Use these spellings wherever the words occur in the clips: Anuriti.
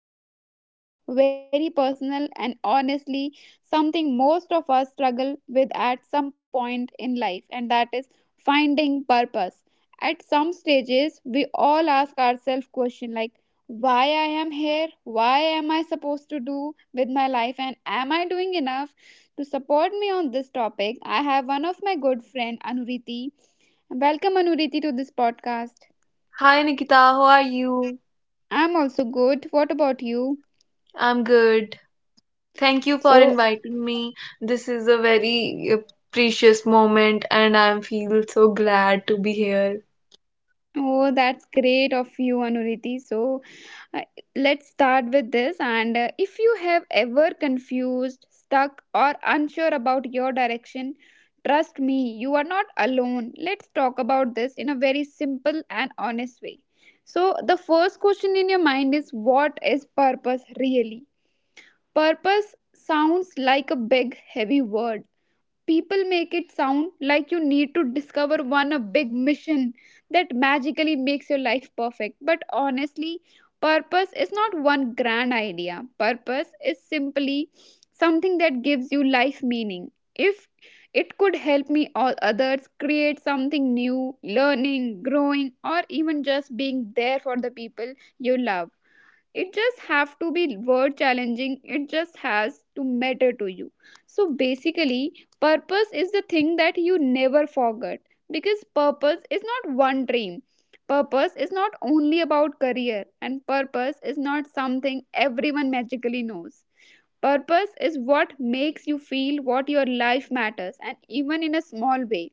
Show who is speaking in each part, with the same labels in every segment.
Speaker 1: something very deep, very personal, and honestly, something most of us struggle with at some point in life, and that is finding purpose. At some stages, we all ask ourselves questions like why I am here, why am I supposed to do with my life, and am I doing enough? To support me on this topic, I have one of my good friend Anuriti. Welcome Anuriti to this podcast.
Speaker 2: Hi Nikita, how are you?
Speaker 1: I'm also good. What about you?
Speaker 2: I'm good. Thank you for
Speaker 1: So,
Speaker 2: inviting me. This is a very precious moment and I feel so glad to be here.
Speaker 1: oh, that's great of you, Anuriti. So, uh, let's start with this. And if you have ever confused, stuck, or unsure about your direction, trust me, you are not alone. Let's talk about this in a very simple and honest way. So, the first question in your mind is, what is purpose really? Purpose sounds like a big, heavy word. People make it sound like you need to discover one a big mission that magically makes your life perfect. But honestly, purpose is not one grand idea. Purpose is simply something that gives you life meaning. If it could help me or others create something new, learning, growing, or even just being there for the people you love, it just have to be word challenging, it just has to matter to you. So basically, purpose is the thing that you never forget, because purpose is not one dream. Purpose is not only about career, and purpose is not something everyone magically knows. Purpose is what makes you feel what your life matters, and even in a small way.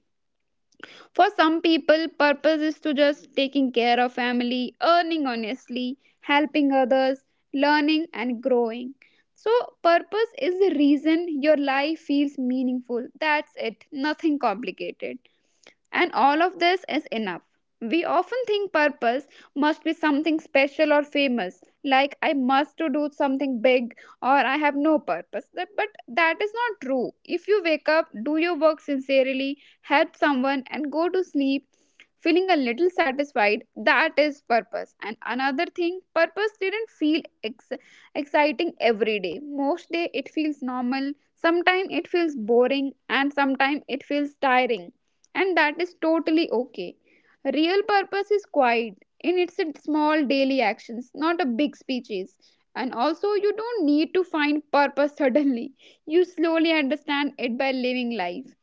Speaker 1: For some people, purpose is to just taking care of family, earning honestly, helping others, learning and growing. So, purpose is the reason your life feels meaningful. That's it, nothing complicated. And all of this is enough. We often think purpose must be something special or famous, like I must to do something big or I have no purpose. But that is not true. If you wake up, do your work sincerely, help someone, and go to sleep feeling a little satisfied, that is purpose. And another thing, purpose didn't feel exciting every day. Most day it feels normal, sometimes it feels boring, and sometimes it feels tiring, and that is totally okay. Real purpose is quiet in its small daily actions, not a big speeches. And also, you don't need to find purpose suddenly. You slowly understand it by living life.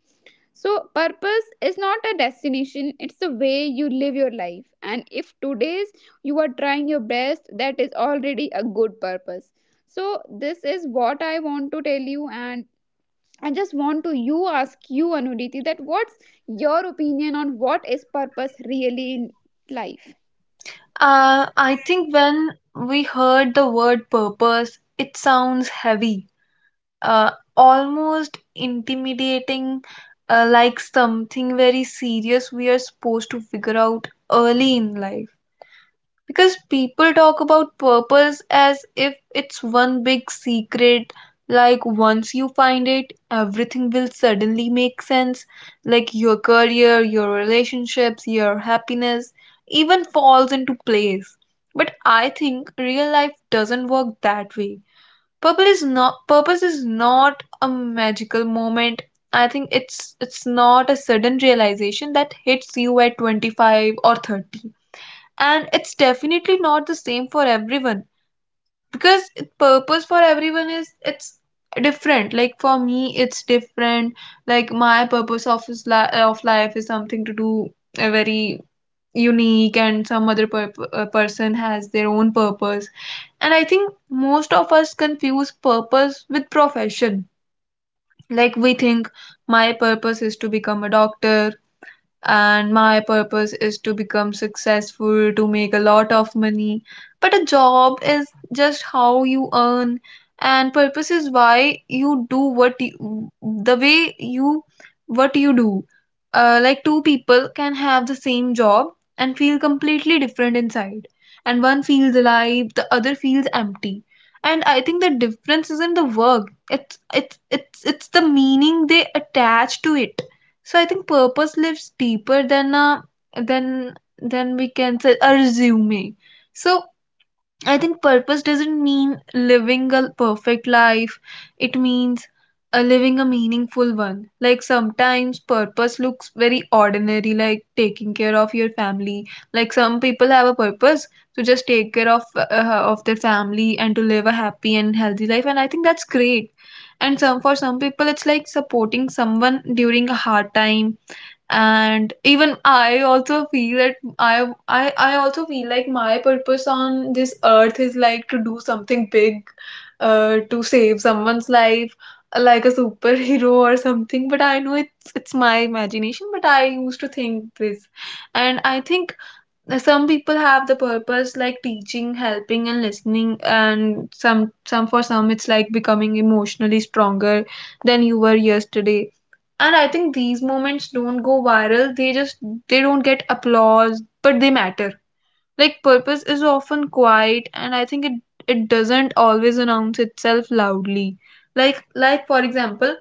Speaker 1: So, purpose is not a destination, it's the way you live your life. And if today's you are trying your best, that is already a good purpose. So, this is what I want to tell you, and I just want to you ask you, Anuditi, that what's your opinion on what is purpose really in life?
Speaker 2: I think when we heard the word purpose, it sounds heavy, uh, almost intimidating, like something very serious we are supposed to figure out early in life. Because people talk about purpose as if it's one big secret, like once you find it, everything will suddenly make sense, like your career, your relationships, your happiness, even falls into place. But I think real life doesn't work that way. Purpose is not a magical moment. I think it's not a sudden realization that hits you at 25 or 30, and it's definitely not the same for everyone because purpose for everyone is it's different. Like for me it's different, like my purpose of life is something to do a very unique, and some other person has their own purpose. And I think most of us confuse purpose with profession. Like we think my purpose is to become a doctor, and my purpose is to become successful, to make a lot of money. But a job is just how you earn, and purpose is why you do what you, the way you what you do. Like two people can have the same job and feel completely different inside, and one feels alive, the other feels empty. And I think the difference isn't the work; it's the meaning they attach to it. So I think purpose lives deeper than a than than we can say a resume. So I think purpose doesn't mean living a perfect life. It means a living a meaningful one. Like sometimes purpose looks very ordinary, like taking care of your family. Like some people have a purpose to just take care of their family and to live a happy and healthy life, and I think that's great. And some for some people, it's like supporting someone during a hard time. And even I also feel that, I also feel like my purpose on this earth is like to do something big, uh, to save someone's life, like a superhero or something, but I know it's my imagination, but I used to think this. And I think some people have the purpose like teaching, helping and listening, and some for some it's like becoming emotionally stronger than you were yesterday. And I think these moments don't go viral, they just, they don't get applause, but they matter. Like purpose is often quiet, and I think it it doesn't always announce itself loudly. Like for example,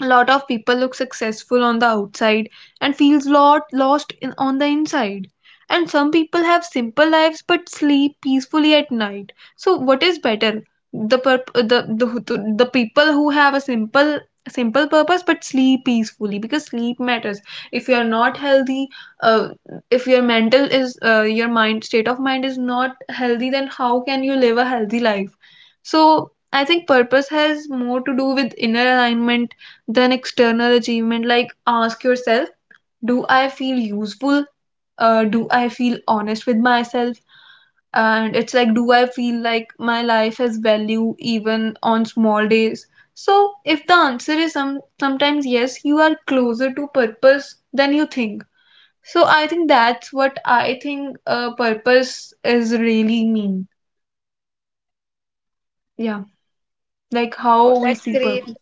Speaker 2: a lot of people look successful on the outside and feels lot lost on the inside, and some people have simple lives but sleep peacefully at night. So what is better? The people who have a simple purpose but sleep peacefully, because sleep matters. If you are not healthy, uh, if your mental is your mind state of mind is not healthy, then how can you live a healthy life? So I think purpose has more to do with inner alignment then external achievement. Like ask yourself, do I feel useful? Do I feel honest with myself? And it's like, do I feel like my life has value even on small days? So if the answer is sometimes yes, you are closer to purpose than you think. So I think that's what I think purpose is really mean. Yeah, like
Speaker 1: Oh,
Speaker 2: how we
Speaker 1: that's
Speaker 2: see
Speaker 1: great.
Speaker 2: purpose.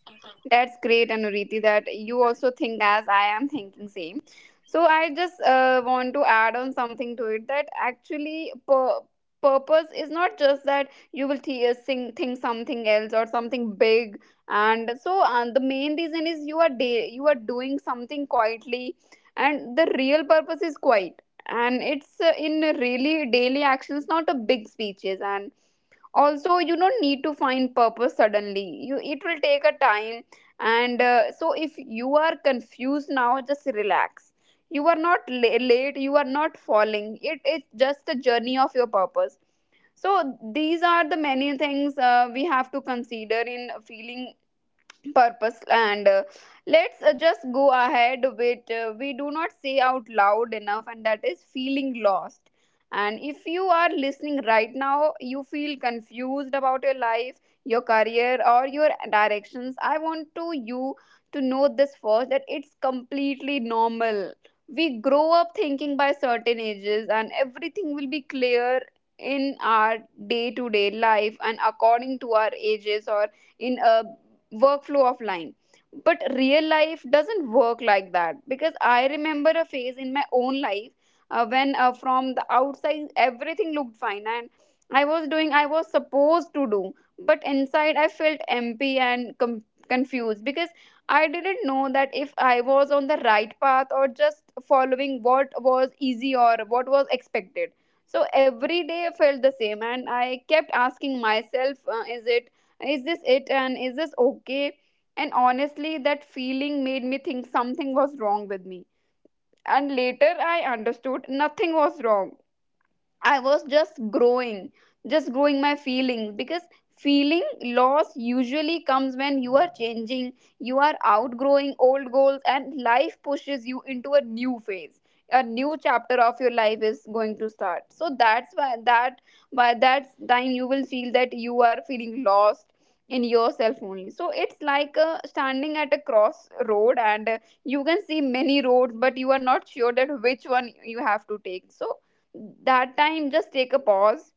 Speaker 1: That's great, Anuriti, that you also think as I am thinking same. So I just want to add on something to it that actually purpose is not just that you will think something else or something big. And the main reason is you are doing something quietly, and the real purpose is quiet. And it's in really daily actions, not a big speeches. And also, you don't need to find purpose suddenly, you it will take a time. And so if you are confused now, just relax, you are not late, you are not falling, it is just a journey of your purpose. So these are the many things we have to consider in feeling purpose, and let's just go ahead with we do not say out loud enough, and that is feeling lost. And if you are listening right now, you feel confused about your life, your career or your directions, I want to you to know this first, that it's completely normal. We grow up thinking by certain ages and everything will be clear in our day to day life and according to our ages or in a workflow of line. But real life doesn't work like that, because I remember a phase in my own life when from the outside everything looked fine, and I was supposed to do, but inside I felt empty and confused, because I didn't know that if I was on the right path or just following what was easy or what was expected. So every day I felt the same, and I kept asking myself, is this it, and is this okay? And honestly, that feeling made me think something was wrong with me, and later I understood, nothing was wrong. I was just growing, my feelings, because feeling loss usually comes when you are changing, you are outgrowing old goals, and life pushes you into a new phase. A new chapter of your life is going to start. So that's why that by that time you will feel that you are feeling lost in yourself only. So it's like standing at a crossroad, and you can see many roads but you are not sure that which one you have to take, so that time just take a pause.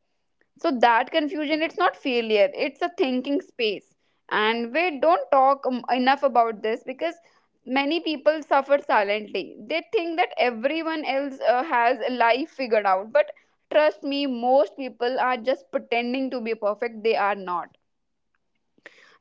Speaker 1: So that confusion, it's not failure, it's a thinking space. And we don't talk enough about this, because many people suffer silently, they think that everyone else has a life figured out, but trust me, most people are just pretending to be perfect, they are not.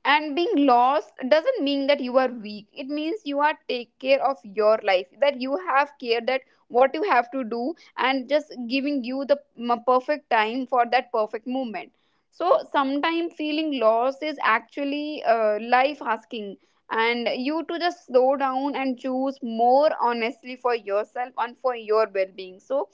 Speaker 1: And being lost doesn't mean that you are weak, it means you are take care of your life, that you have care that what you have to do, and just giving you the perfect time for that perfect moment. So sometimes feeling lost is actually life asking and you to just slow down and choose more honestly for yourself and for your well-being. So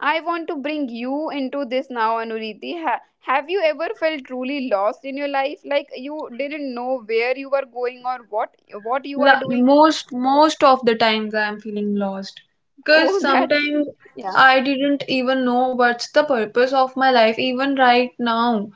Speaker 1: I want to bring you into this now, Anuriti. Have you ever felt truly lost in your life, like you didn't know where you were going or what you are doing?
Speaker 2: Most of the times I am feeling lost, because
Speaker 1: Oh, that's
Speaker 2: sometimes
Speaker 1: yeah.
Speaker 2: I didn't even know what's the purpose of my life even right now.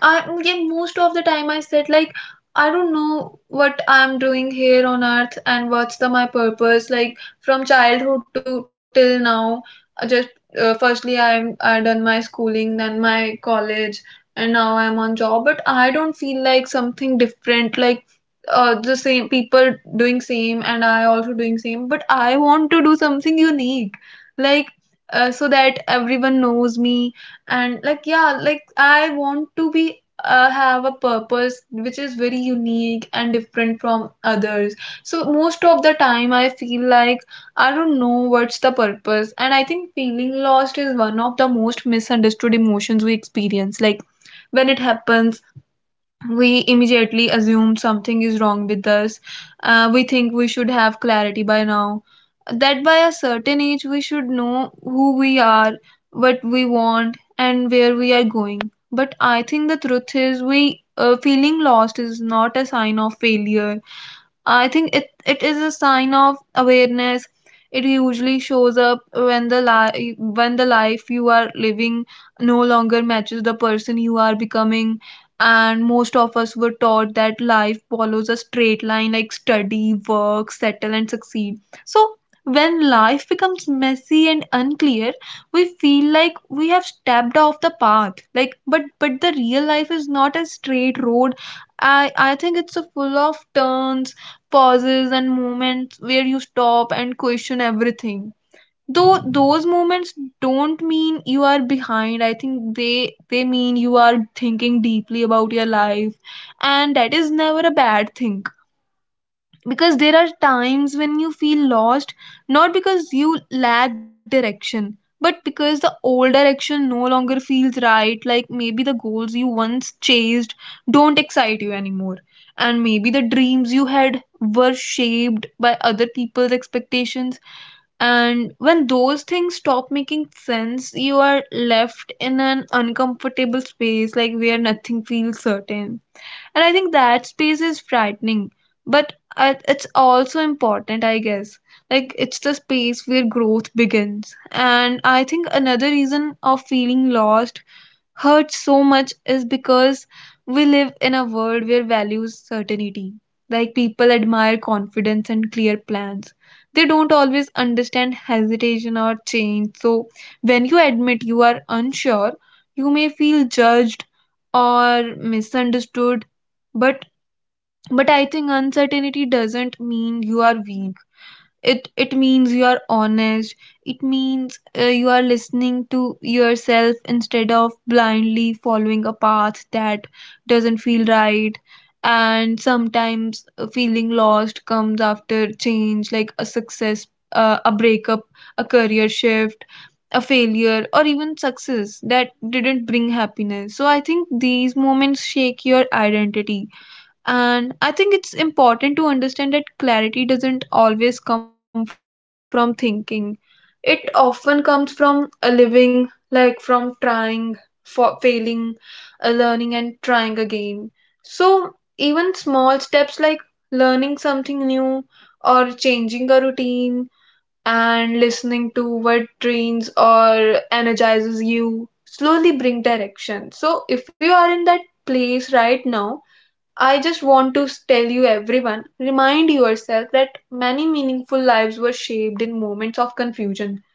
Speaker 2: I Yeah, most of the time I said like I don't know what I'm doing here on earth and what's the my purpose, like from childhood to till now. I just, firstly I done my schooling then my college, and now I'm on job, but I don't feel like something different. Like, the same people doing same and I also doing same, but I want to do something unique, like, so that everyone knows me. And like yeah, like I want to be, have a purpose which is very unique and different from others. So most of the time I feel like I don't know what's the purpose. And I think feeling lost is one of the most misunderstood emotions we experience. Like when it happens, we immediately assume something is wrong with us. We think we should have clarity by now. That by a certain age, we should know who we are, what we want, and where we are going. But I think the truth is, we feeling lost is not a sign of failure. I think it is a sign of awareness. It usually shows up when when the life you are living no longer matches the person you are becoming. And most of us were taught that life follows a straight line, like study, work, settle, and succeed. So when life becomes messy and unclear, we feel like we have stepped off the path. Like, but the real life is not a straight road. I think it's a full of turns, pauses and moments where you stop and question everything. Though those moments don't mean you are behind, I think they mean you are thinking deeply about your life, and that is never a bad thing. Because there are times when you feel lost not because you lack direction, but because the old direction no longer feels right. Like maybe the goals you once chased don't excite you anymore, and maybe the dreams you had were shaped by other people's expectations. And when those things stop making sense, you are left in an uncomfortable space, like where nothing feels certain. And I think that space is frightening, but it's also important, I guess. Like it's the space where growth begins. And I think another reason of feeling lost hurts so much is because we live in a world where values certainty. Like people admire confidence and clear plans. They don't always understand hesitation or change. So when you admit you are unsure, you may feel judged or misunderstood. But but I think uncertainty doesn't mean you are weak, it means you are honest. It means you are listening to yourself instead of blindly following a path that doesn't feel right. And sometimes, feeling lost comes after change, like a success, a breakup, a career shift, a failure, or even success that didn't bring happiness. So I think these moments shake your identity. And I think it's important to understand that clarity doesn't always come from thinking. It often comes from a living, like from trying, for failing, a learning and trying again. So even small steps like learning something new, or changing a routine and listening to what drains or energizes you, slowly bring direction. So if you are in that place right now, I just want to tell you, everyone, remind yourself that many meaningful lives were shaped in moments of confusion.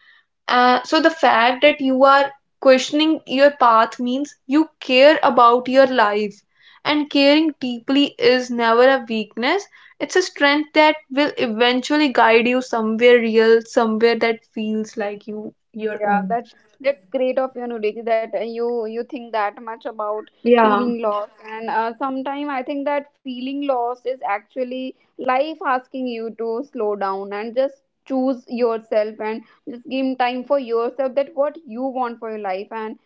Speaker 2: So the fact that you are questioning your path means you care about your life, and caring deeply is never a weakness, it's a strength that will eventually guide you somewhere real, somewhere that feels like you, your
Speaker 1: Yeah, that
Speaker 2: own.
Speaker 1: that's great of you, Nuriti, that you think that much about feeling
Speaker 2: Yeah.
Speaker 1: lost. And sometime I think that feeling lost is actually life asking you to slow down and just choose yourself and just give time for yourself that what you want for your life. And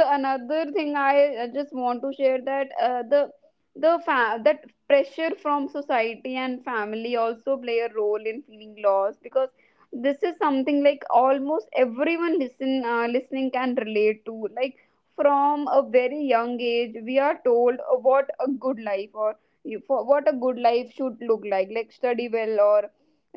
Speaker 1: the another thing I just want to share that the that pressure from society and family also play a role in feeling lost, because this is something like almost everyone listening can relate to, like from a very young age we are told what a good life or for what a good life should look like study well, or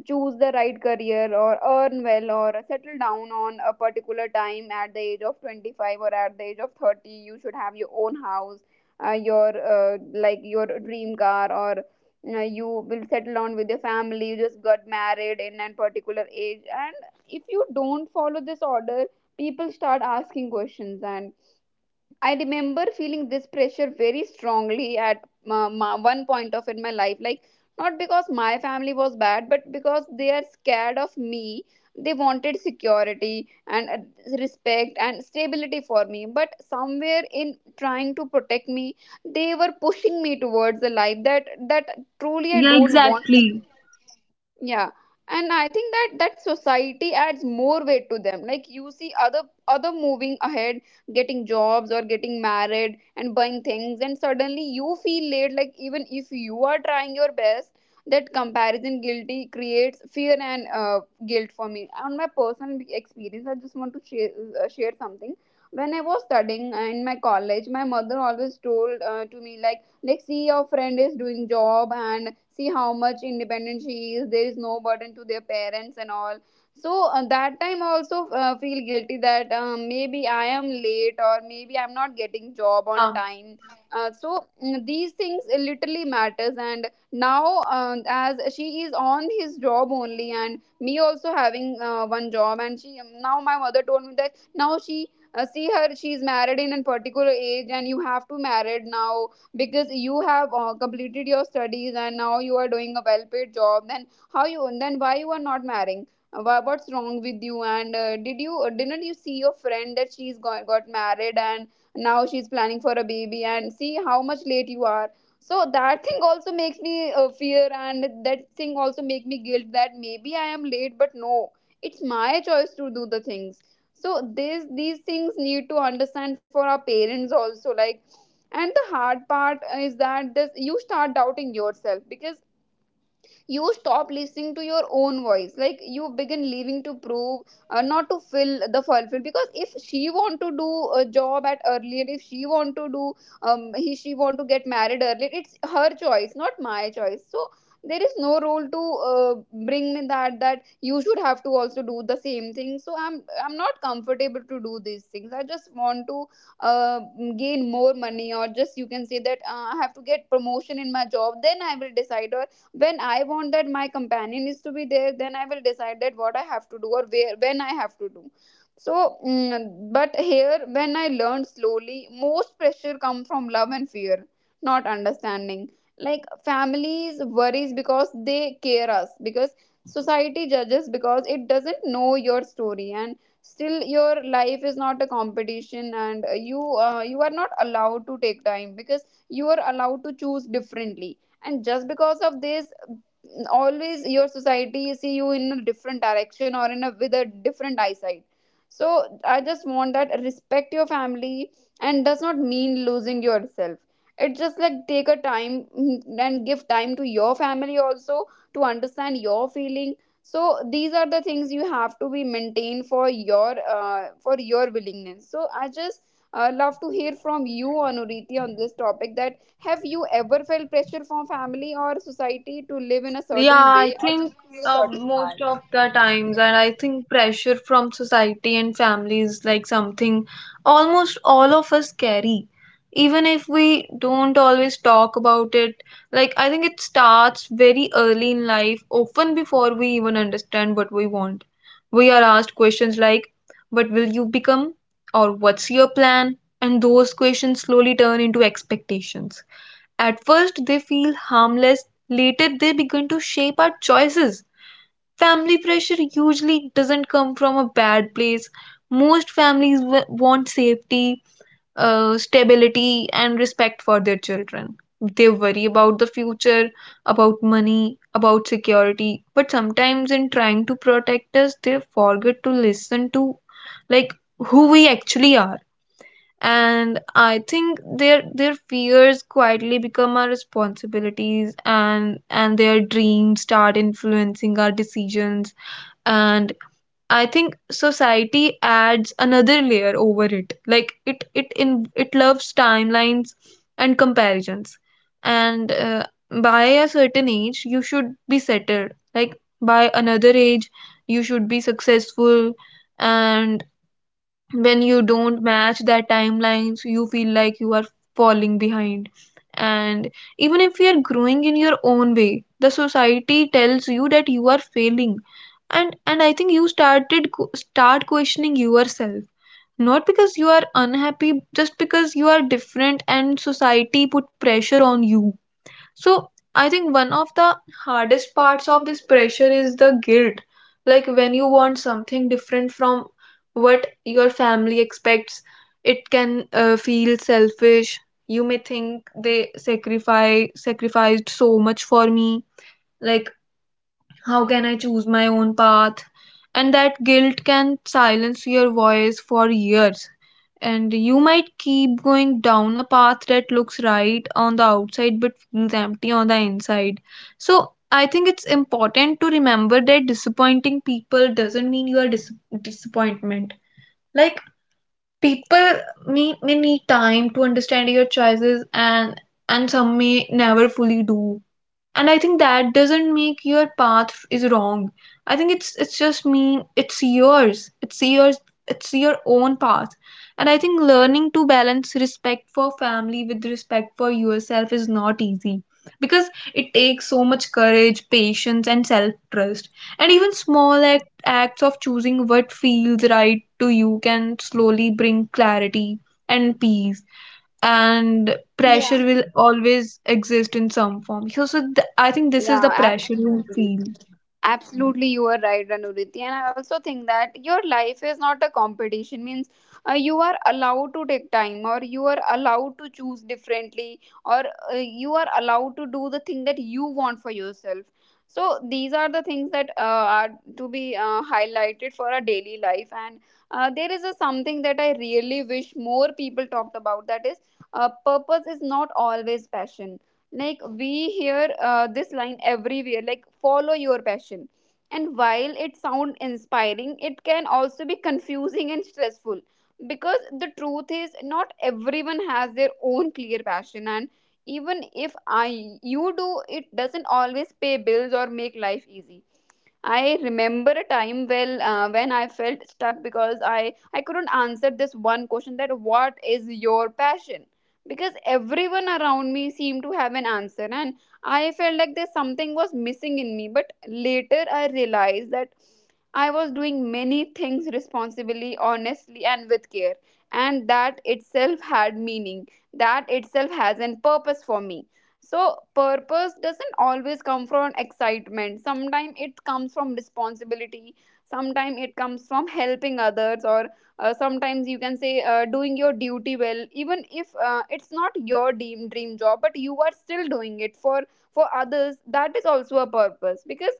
Speaker 1: choose the right career, or earn well, or settle down on a particular time, at the age of 25 or at the age of 30 you should have your own house, your like your dream car, or you will settle down with your family, you just got married in a particular age. And if you don't follow this order, people start asking questions. And I remember feeling this pressure very strongly at one point of in my life. Like, not because my family was bad, but because they are scared of me. They wanted security and respect and stability for me. But somewhere in trying to protect me, they were pushing me towards a life that truly I
Speaker 2: Yeah,
Speaker 1: don't want.
Speaker 2: exactly.
Speaker 1: Yeah, and I think that society adds more weight to them. Like, you see other moving ahead, getting jobs or getting married and buying things, and suddenly you feel late, like even if you are trying your best, that comparison guilty creates fear and guilt. For me, on my personal experience, I just want to share something. When I was studying in my college, my mother always told to me, like, see your friend is doing job and see how much independent she is, there is no burden to their parents and all. So that time also feel guilty that maybe I am late or maybe I'm not getting job on
Speaker 2: Yeah.
Speaker 1: time. These things literally matters. And now, as she is on his job only and me also having one job, and she now my mother told me that now she see her, she is married in a particular age and you have to married now, because you have completed your studies and now you are doing a well paid job, then how you, then why you are not marrying. What's wrong with you? And did you, didn't you see your friend that she's got married and now she's planning for a baby, and see how much late you are. So that thing also makes me fear, and that thing also make me guilt that maybe I am late. But no, it's my choice to do the things. So this these things need to understand for our parents also. Like, and the hard part is that you start doubting yourself, because you stop listening to your own voice. Like, you begin living to prove, not to fill the fulfill, because if she want to do a job at earlier, if she want to do, he she want to get married earlier, it's her choice, not my choice. So there is no role to uh, bring me that you should have to also do the same thing. So I'm not comfortable to do these things. I just want to uh, gain more money, or just you can say that I have to get promotion in my job, then I will decide. Or when I want that my companion is to be there, then I will decide that what I have to do, or where, when I have to do. so mm, but here, when I learned slowly, most pressure come from love and fear, not understanding. Like, families worries because they care us, because society judges because it doesn't know your story. And still, your life is not a competition, and you, you are not allowed to take time, because you are allowed to choose differently. And just because of this, always your society see you in a different direction, or in a, with a different eyesight. So I just want that respect your family, and does not mean losing yourself. It just like take a time, and give time to your family also, to understand your feeling. So these are the things you have to be maintained for your, for your willingness. So I just
Speaker 2: Yeah.
Speaker 1: love to hear from you, Anuriti, on this topic that, have you ever felt pressure from family or society to live in a
Speaker 2: Yeah,
Speaker 1: certain way,
Speaker 2: I
Speaker 1: or
Speaker 2: think
Speaker 1: just follow certain
Speaker 2: most
Speaker 1: path?
Speaker 2: of the times, and I think pressure from society and family is like something almost all of us carry, even if we don't always talk about it. Like, I think it starts very early in life, often before we even understand what we want. We are asked questions like, what will you become? Or what's your plan? And those questions slowly turn into expectations. At first, they feel harmless, later, they begin to shape our choices. Family pressure usually doesn't come from a bad place. Most families want safety, stability, and respect for their children. They worry about the future, about money, about security, but sometimes in trying to protect us, they forget to listen to like who we actually are. And I think their fears quietly become our responsibilities, and their dreams start influencing our decisions. And I think society adds another layer over it. Like it it in it loves timelines and comparisons, and by a certain age you should be settled, like by another age you should be successful. And when you don't match that timelines, you feel like you are falling behind. And even if you are growing in your own way, the society tells you that you are failing. And I think you start questioning yourself, not because you are unhappy, just because you are different and society put pressure on you. So I think one of the hardest parts of this pressure is the guilt. Like, when you want something different from what your family expects, it can feel selfish. You may think they sacrificed so much for me. Like, how can I choose my own path? And that guilt can silence your voice for years. And you might keep going down a path that looks right on the outside but feels empty on the inside. So I think it's important to remember that disappointing people doesn't mean you are disappointment. Like, people may need time to understand your choices, and some may never fully do. And I think that doesn't make your path is wrong. I think it's just mean it's yours. It's your own path. And I think learning to balance respect for family with respect for yourself is not easy, because it takes so much courage, patience and self trust. And even acts of choosing what feels right to you can slowly bring clarity and peace. And
Speaker 1: Yeah.
Speaker 2: pressure will always exist in some form. I think this is
Speaker 1: Yeah,
Speaker 2: the pressure we
Speaker 1: absolutely.
Speaker 2: feel.
Speaker 1: Absolutely, you are right, Anuriti. And I also think that your life is not a competition. Means you are allowed to take time, or you are allowed to choose differently, or you are allowed to do the thing that you want for yourself. So these are the things that are to be highlighted for our daily life. And there is a something that I really wish more people talked about. That is, purpose is not always passion. Like, we hear this line everywhere, like follow your passion. And while it sounds inspiring, it can also be confusing and stressful, because the truth is, not everyone has their own clear passion. And even if I you do, it doesn't always pay bills or make life easy. I remember a time well when I felt stuck, because I couldn't answer this one question, that what is your passion, because everyone around me seemed to have an answer, and I felt like there's something was missing in me. But later I realized that I was doing many things responsibly, honestly, and with care, and that itself had meaning, that itself has a purpose for me. So, purpose doesn't always come from excitement. Sometimes it comes from responsibility. Sometimes it comes from helping others, or sometimes you can say doing your duty well, even if it's not your dream job, but you are still doing it for others. That is also a purpose, because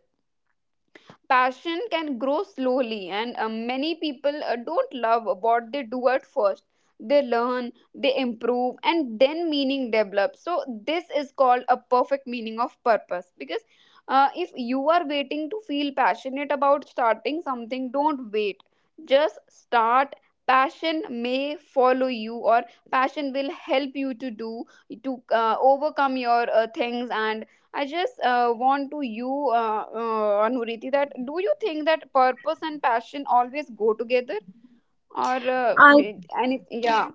Speaker 1: passion can grow slowly, and many people don't love what they do at first. They learn, they improve, and then meaning develops. So this is called a perfect meaning of purpose. Because if you are waiting to feel passionate about starting something, don't wait, just start. Passion may follow you, or passion will help you to do, to overcome your things. And I just want to you, Anuriti, that do you think that purpose and passion always go together, or
Speaker 2: I
Speaker 1: any? Yeah.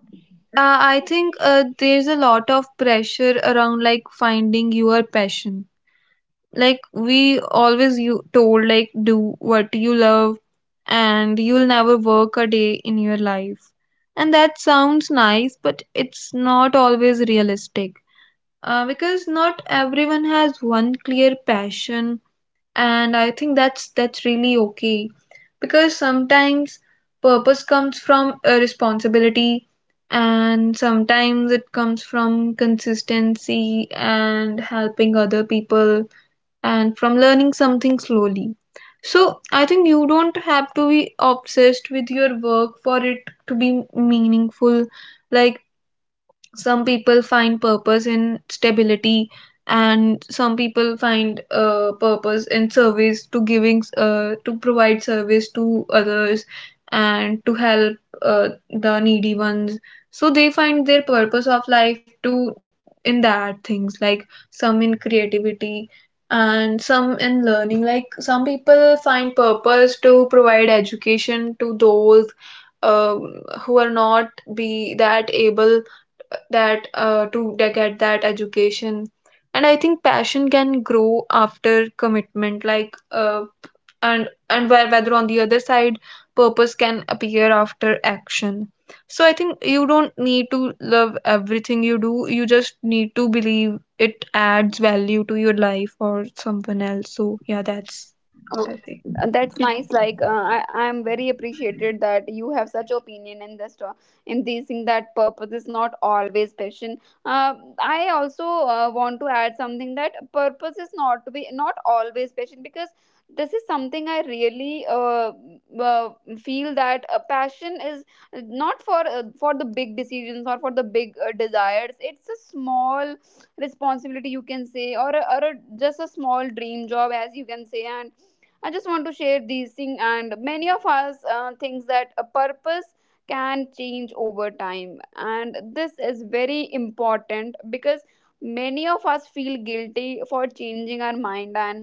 Speaker 2: I think there's a lot of pressure around like finding your passion. Like, we always you told, like, do what you love and you'll never work a day in your life. And that sounds nice, but it's not always realistic. Because not everyone has one clear passion, and I think that's really okay. Because sometimes purpose comes from a responsibility, and sometimes it comes from consistency and helping other people, and from learning something slowly. So I think you don't have to be obsessed with your work for it to be meaningful. Like, some people find purpose in stability, and some people find purpose in service to giving, to provide service to others and to help the needy ones. So they find their purpose of life to in that things, like some in creativity and some in learning. Like, some people find purpose to provide education to those um, who are not be that able get that education. And I think passion can grow after commitment, and where whether on the other side purpose can appear after action. So I think you don't need to love everything you do, you just need to believe it adds value to your life or someone else. So yeah, that's what I think.
Speaker 1: That's nice. Like, I, I'm very appreciated that you have such opinion in this in these thing, that purpose is not always passion. uh, I also want to add something, that purpose is not to be not always passion, because this is something I really uh, feel, that a passion is not for, for the big decisions or for the big desires. It's a small responsibility, you can say, or a, just a small dream job as you can say. And I just want to share these things, and many of us thinks that a purpose can change over time, and this is very important, because many of us feel guilty for changing our mind. And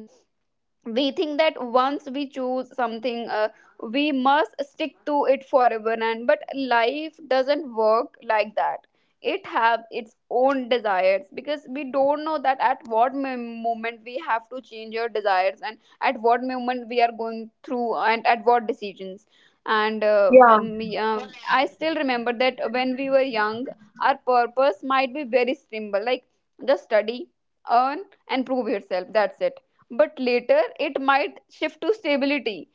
Speaker 1: we think that once we choose something, we must stick to it forever. And but life doesn't work like that. It have its own desires, because we don't know that at what moment we have to change your desires, and at what moment we are going through, and at what decisions. And
Speaker 2: Yeah.
Speaker 1: me, uh, I still remember that when we were young, our purpose might be very simple. Like, just study, earn, and prove yourself, that's it. But later it might shift to stability,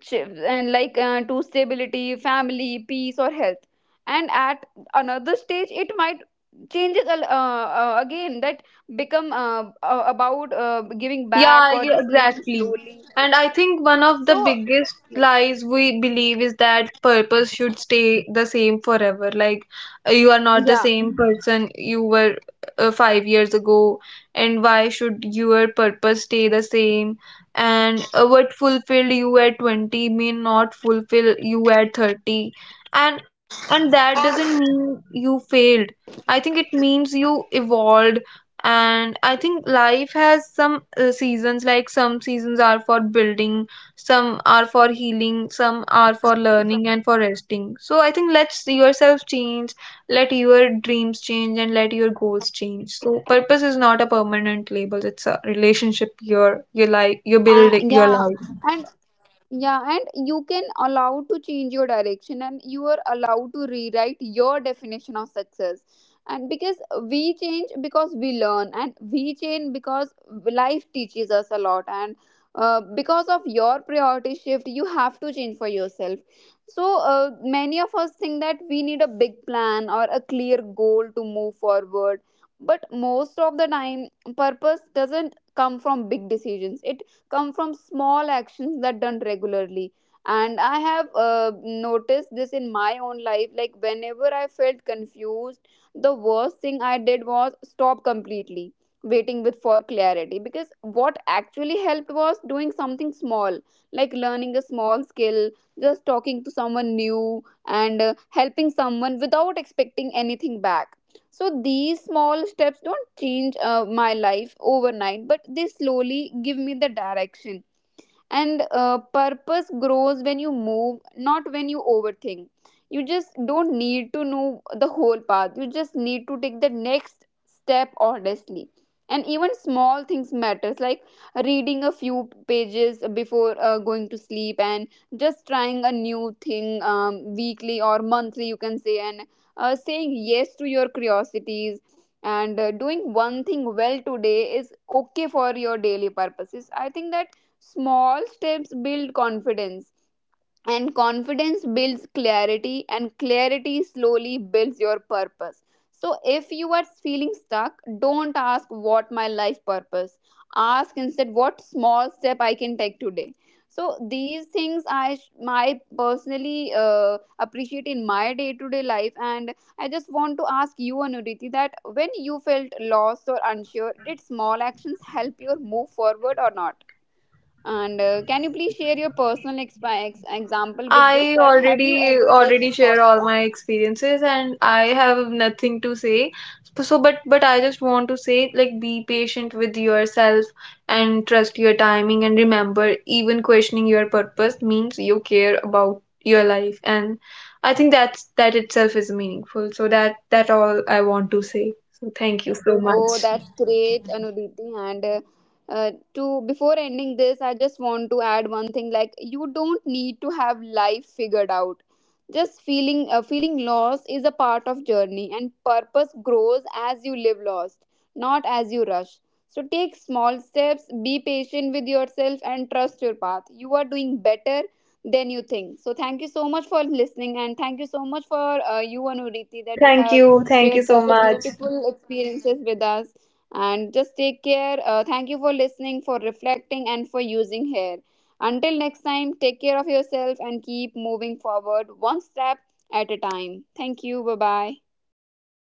Speaker 1: and like to stability, family peace, or health. And at another stage it might again that become about giving back,
Speaker 2: Yeah,
Speaker 1: or
Speaker 2: yeah,
Speaker 1: just living
Speaker 2: exactly.
Speaker 1: slowly.
Speaker 2: And I think one of the
Speaker 1: So
Speaker 2: biggest
Speaker 1: yeah.
Speaker 2: lies we believe is that purpose should stay the same forever. Like, you are not the
Speaker 1: Yeah.
Speaker 2: same person you were 5 years ago, and why should your purpose stay the same? And what fulfilled you at 20 may not fulfill you at 30. And that doesn't mean you failed. I think it means you evolved. And I think life has some seasons. Like, some seasons are for building, some are for healing, some are for learning and for resting. So I think let yourself change, let your dreams change and let your goals change. So purpose is not a permanent label, it's a relationship. Your life, you
Speaker 1: uh,
Speaker 2: build your
Speaker 1: yeah
Speaker 2: life.
Speaker 1: and yeah, and you can allow to change your direction, and you are allowed to rewrite your definition of success. And because we change because we learn, and we change because life teaches us a lot. And because of your priority shift, you have to change for yourself. So many of us think that we need a big plan or a clear goal to move forward. But most of the time, purpose doesn't come from big decisions. It come from small actions that done regularly. And I have noticed this in my own life. Like, whenever I felt confused, the worst thing I did was stop completely, waiting with for clarity. Because what actually helped was doing something small, like learning a small skill, just talking to someone new, and helping someone without expecting anything back. So these small steps don't change my life overnight, but they slowly give me the direction. And purpose grows when you move, not when you overthink. You just don't need to know the whole path, you just need to take the next step honestly. And even small things matters, like reading a few pages before going to sleep, and just trying a new thing weekly or monthly, you can say. And saying yes to your curiosities, and doing one thing well today is okay for your daily purposes. I think that small steps build confidence, and confidence builds clarity, and clarity slowly builds your purpose. So, if you are feeling stuck, don't ask what my life purpose. Ask instead what small step I can take today. So these things I my personally appreciate in my day to day life. And I just want to ask you, Anuriti, that when you felt lost or unsure, did small actions help you move forward or not? And can you please share your personal example with this?
Speaker 2: I
Speaker 1: That have you
Speaker 2: already
Speaker 1: ever take a
Speaker 2: already
Speaker 1: small
Speaker 2: share all
Speaker 1: step?
Speaker 2: my experiences and I have nothing to say. So but I just want to say, like, be patient with yourself and trust your timing and remember even questioning your purpose means you care about your life. And I think that's that itself is meaningful. So that all I want to say. So thank you so much.
Speaker 1: Oh, that's great, Anuditi. And to before ending this, I just want to add one thing. Like, you don't need to have life figured out. Just feeling lost is a part of journey, and purpose grows as you live lost, not as you rush. So take small steps, be patient with yourself, and trust your path. You are doing better than you think. So thank you so much for listening, and thank you so much for you, Anuriti,
Speaker 2: Yeah,
Speaker 1: that you
Speaker 2: thank
Speaker 1: have
Speaker 2: you. Thank you
Speaker 1: shared
Speaker 2: so
Speaker 1: such a
Speaker 2: much.
Speaker 1: beautiful experiences with us. And just take care. Thank you for listening, for reflecting, and for using here. Until next time, take care of yourself and keep moving forward one step at a time. Thank you. Bye bye.